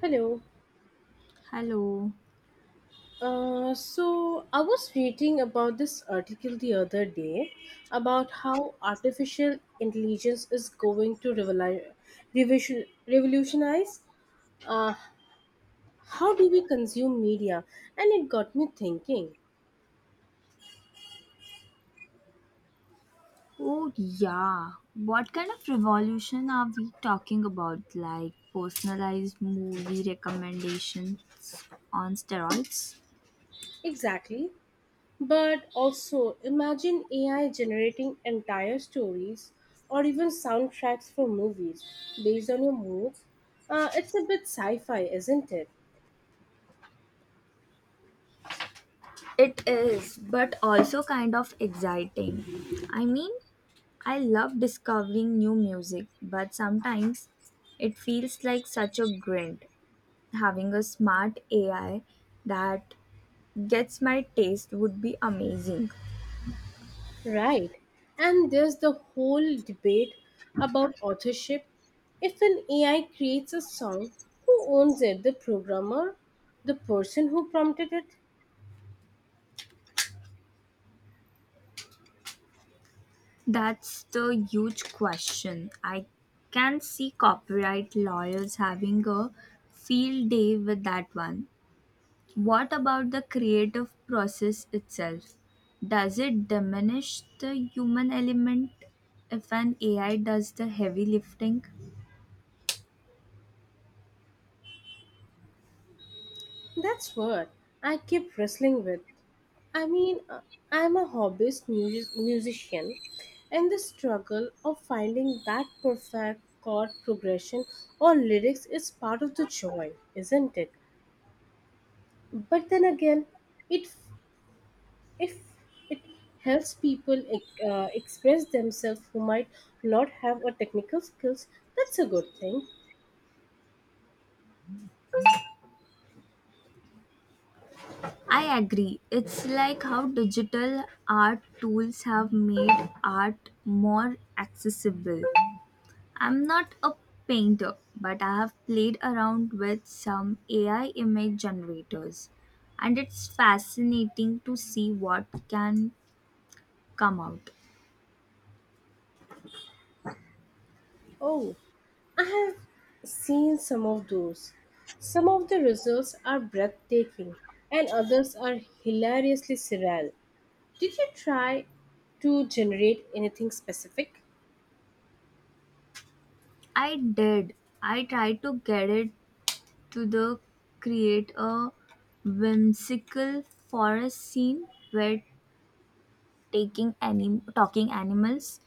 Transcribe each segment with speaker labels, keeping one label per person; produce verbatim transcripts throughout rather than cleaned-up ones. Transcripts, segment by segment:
Speaker 1: Hello.
Speaker 2: Hello.
Speaker 1: Uh, so I was reading about this article the other day about how artificial intelligence is going to revoli- revision- revolutionize uh, how do we consume media, and it got me thinking.
Speaker 2: Oh, yeah. What kind of revolution are we talking about? Like personalized movie recommendations on steroids?
Speaker 1: Exactly. But also imagine A I generating entire stories or even soundtracks for movies based on your moods. Uh, it's a bit sci-fi, isn't it?
Speaker 2: It is, but also kind of exciting. I mean, I love discovering new music, but sometimes it feels like such a grind. Having a smart A I that gets my taste would be amazing.
Speaker 1: Right. And there's the whole debate about authorship. If an A I creates a song, who owns it? The programmer? The person who prompted it?
Speaker 2: That's the huge question. I can see copyright lawyers having a field day with that one. What about the creative process itself? Does it diminish the human element if an A I does the heavy lifting?
Speaker 1: That's what I keep wrestling with. I mean, uh, I'm a hobbyist mus- musician, and the struggle of finding that perfect chord progression or lyrics is part of the joy, isn't it? But then again, it if it helps people uh, express themselves who might not have a technical skills, that's a good thing.
Speaker 2: I agree. It's like how digital art tools have made art more accessible. I'm not a painter, but I have played around with some A I image generators, and it's fascinating to see what can come out.
Speaker 1: Oh, I have seen some of those. Some of the results are breathtaking and others are hilariously surreal. Did you try to generate anything specific?
Speaker 2: I did. I tried to get it to the create a whimsical forest scene where taking anim- talking animals.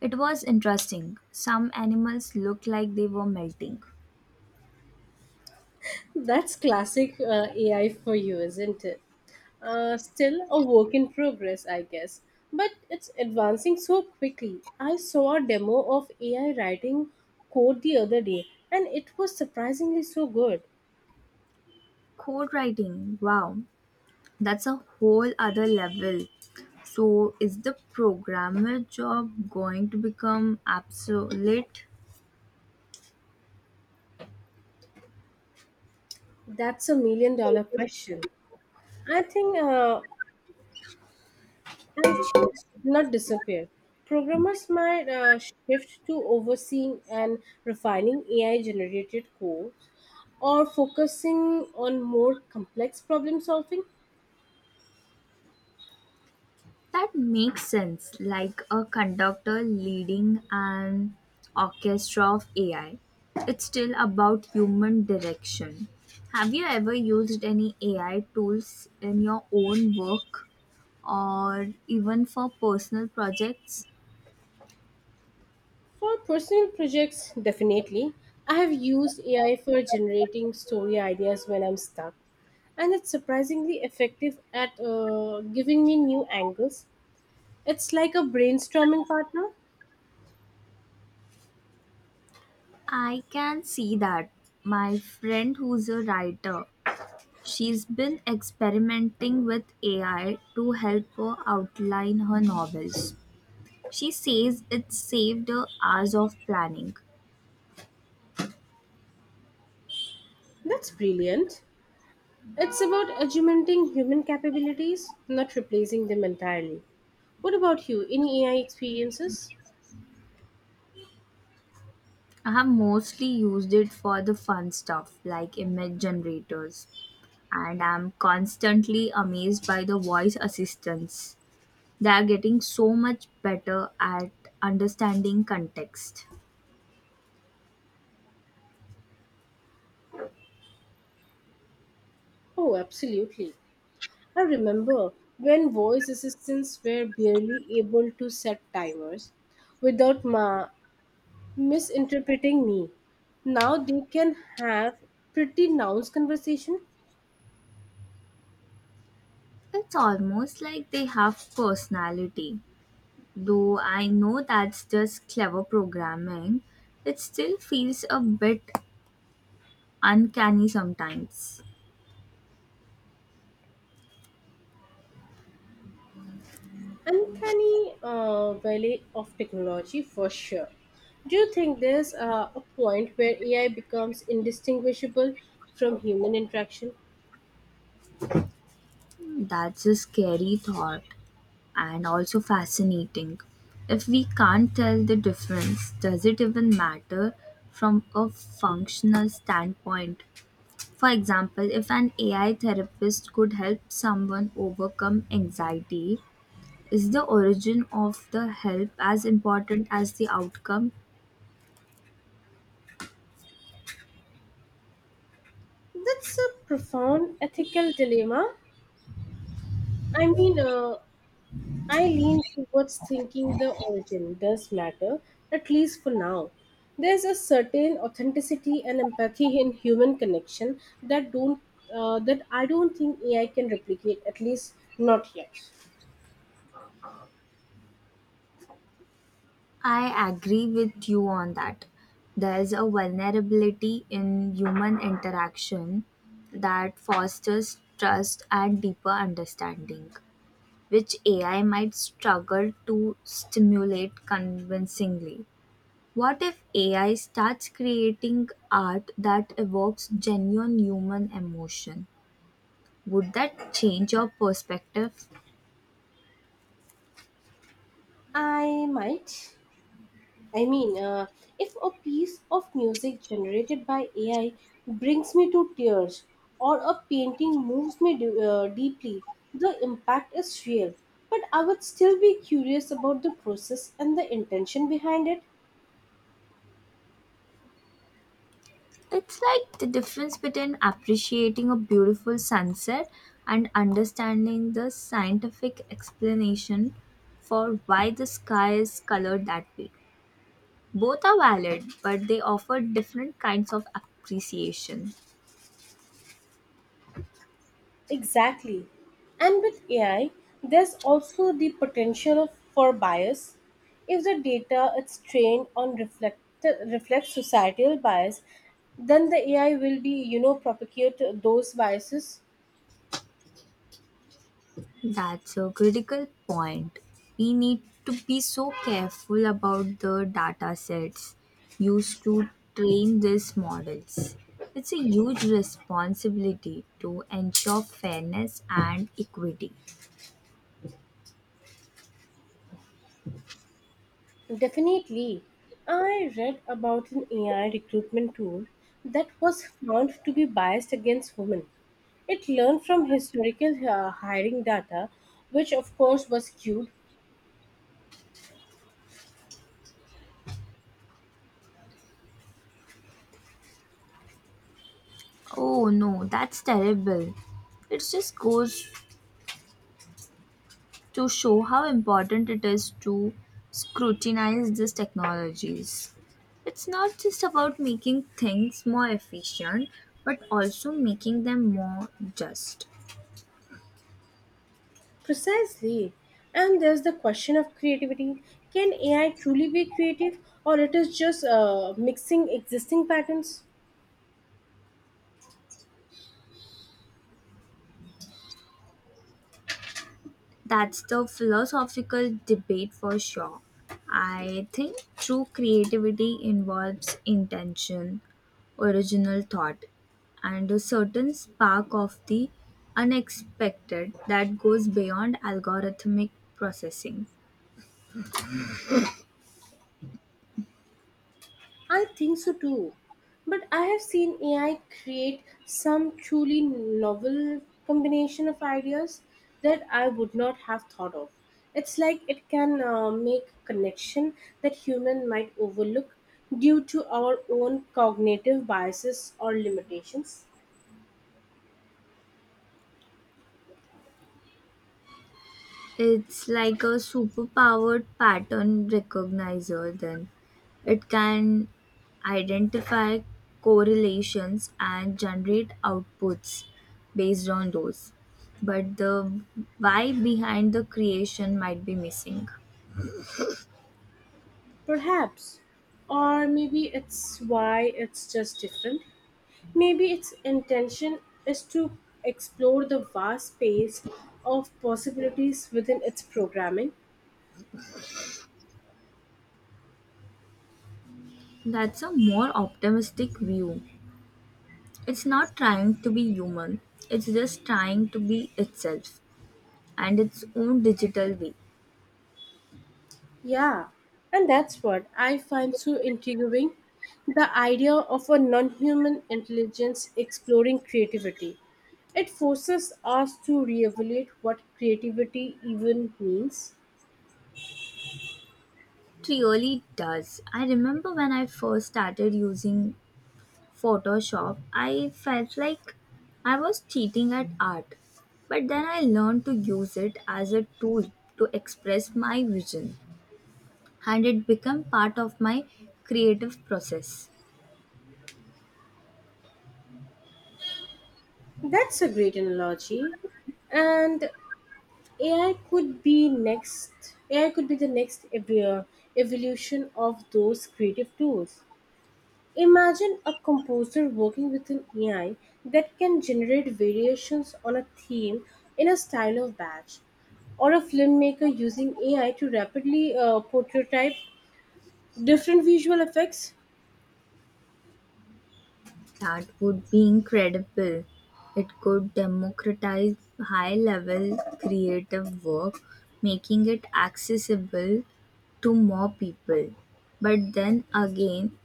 Speaker 2: It was interesting. Some animals looked like they were melting.
Speaker 1: That's classic uh, A I for you, isn't it? Uh, still a work in progress, I guess. But it's advancing so quickly. I saw a demo of A I writing code the other day, and it was surprisingly so good.
Speaker 2: Code writing, wow. That's a whole other level. So, is the programmer job going to become obsolete?
Speaker 1: That's a million dollar question. I think uh, I'll change, not disappear. Programmers might uh, shift to overseeing and refining A I generated code or focusing on more complex problem solving.
Speaker 2: That makes sense, like a conductor leading an orchestra of A I. It's still about human direction. Have you ever used any A I tools in your own work or even for personal projects?
Speaker 1: For personal projects, definitely. I have used A I for generating story ideas when I'm stuck, and it's surprisingly effective at uh, giving me new angles. It's like a brainstorming partner.
Speaker 2: I can see that. My friend who's a writer, she's been experimenting with A I to help her outline her novels. She says it saved her hours of planning.
Speaker 1: That's brilliant. It's about augmenting human capabilities, not replacing them entirely. What about you? Any A I experiences?
Speaker 2: I have mostly used it for the fun stuff like image generators, and I'm constantly amazed by the voice assistants. They are getting so much better at understanding context.
Speaker 1: Oh, absolutely. I remember when voice assistants were barely able to set timers without ma- misinterpreting me. Now they can have pretty nuanced conversation.
Speaker 2: It's almost like they have personality. Though I know that's just clever programming, it still feels a bit uncanny sometimes.
Speaker 1: Uncanny uh, valley of technology for sure. Do you think there's uh, a point where A I becomes indistinguishable from human interaction?
Speaker 2: That's a scary thought and also fascinating. If we can't tell the difference, does it even matter from a functional standpoint? For example, if an A I therapist could help someone overcome anxiety, is the origin of the help as important as the outcome?
Speaker 1: That's a profound ethical dilemma. I mean, uh, I lean towards thinking the origin does matter, at least for now. There's a certain authenticity and empathy in human connection that don't uh, that I don't think A I can replicate, at least not yet.
Speaker 2: I agree with you on that. There's a vulnerability in human interaction that fosters trust and deeper understanding, which A I might struggle to stimulate convincingly. What if A I starts creating art that evokes genuine human emotion? Would that change your perspective?
Speaker 1: I might. I mean, uh, if a piece of music generated by A I brings me to tears or a painting moves me d- uh, deeply, the impact is real. But I would still be curious about the process and the intention behind it.
Speaker 2: It's like the difference between appreciating a beautiful sunset and understanding the scientific explanation for why the sky is colored that way. Both are valid, but they offer different kinds of appreciation.
Speaker 1: Exactly. And with A I, there's also the potential of, for bias. If the data is trained on reflect, reflects societal bias, then the A I will be, you know, propagate those biases.
Speaker 2: That's a critical point. We need to be so careful about the data sets used to train these models. It's a huge responsibility to ensure fairness and equity.
Speaker 1: Definitely. I read about an A I recruitment tool that was found to be biased against women. It learned from historical uh, hiring data, which of course was skewed.
Speaker 2: Oh no, that's terrible. It just goes to show how important it is to scrutinize these technologies. It's not just about making things more efficient, but also making them more just.
Speaker 1: Precisely. And there's the question of creativity. Can A I truly be creative, or it is just uh, mixing existing patterns?
Speaker 2: That's the philosophical debate for sure. I think true creativity involves intention, original thought, and a certain spark of the unexpected that goes beyond algorithmic processing.
Speaker 1: I think so too. But I have seen A I create some truly novel combination of ideas that I would not have thought of. It's like it can uh, make connection that human might overlook due to our own cognitive biases or limitations,
Speaker 2: It's like a superpowered pattern recognizer, then. It can identify correlations and generate outputs based on those. But the why behind the creation might be missing.
Speaker 1: perhaps. Or maybe it's why it's just different. Maybe its intention is to explore the vast space of possibilities within its programming.
Speaker 2: That's a more optimistic view. It's not trying to be human, it's just trying to be itself and its own digital way.
Speaker 1: Yeah, and that's what I find so intriguing, the idea of a non human intelligence exploring creativity. It forces us to reevaluate what creativity even means.
Speaker 2: It really does. I remember when I first started using Photoshop, I felt like I was cheating at art. But then I learned to use it as a tool to express my vision, and it became part of my creative process.
Speaker 1: That's a great analogy. And A I could be next. A I could be the next ev- uh, evolution of those creative tools. Imagine a composer working with an A I that can generate variations on a theme in a style of batch, or a filmmaker using A I to rapidly uh, prototype different visual effects.
Speaker 2: That would be incredible. It could democratize high level creative work, making it accessible to more people. But then again,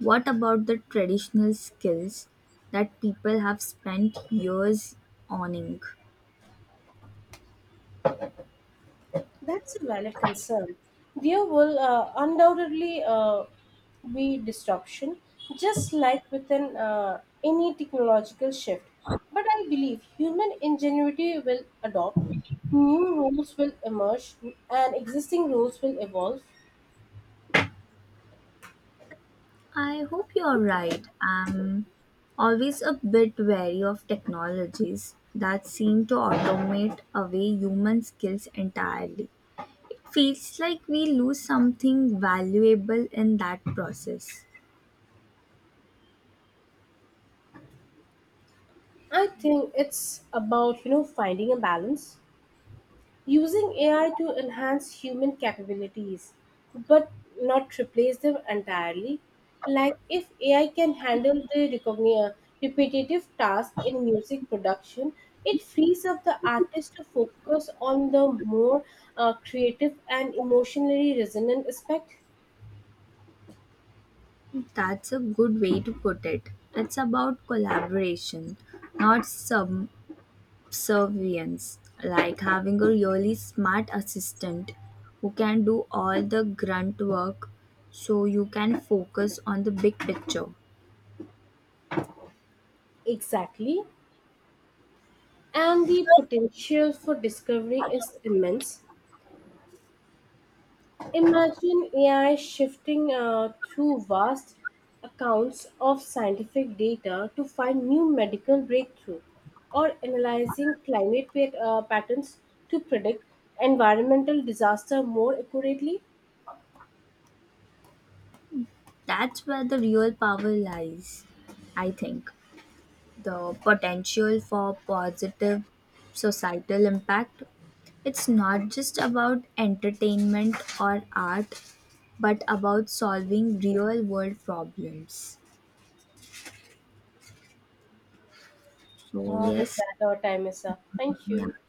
Speaker 2: what about the traditional skills that people have spent years owning?
Speaker 1: That's a valid concern. There will uh, undoubtedly uh, be disruption, just like within uh, any technological shift. But I believe human ingenuity will adopt, new rules will emerge, and existing rules will evolve.
Speaker 2: I hope you're right. I'm always a bit wary of technologies that seem to automate away human skills entirely. Feels like we lose something valuable in that process.
Speaker 1: I think it's about, you know, finding a balance, using A I to enhance human capabilities, but not replace them entirely. Like if A I can handle the recogni- uh, repetitive task in music production, it frees up the artist to focus on the more uh, creative and emotionally resonant aspect.
Speaker 2: That's a good way to put it. It's about collaboration, not subservience, like having a really smart assistant who can do all the grunt work so you can focus on the big picture.
Speaker 1: Exactly. And the potential for discovery is immense. Imagine A I shifting uh, through vast accounts of scientific data to find new medical breakthrough, or analyzing climate pat- uh, patterns to predict environmental disaster more accurately.
Speaker 2: That's where the real power lies, I think. The potential for positive societal impact. It's not just about entertainment or art, but about solving real world problems. So,
Speaker 1: Uh, with
Speaker 2: yes,
Speaker 1: that, our time is up. Thank you.
Speaker 2: yeah.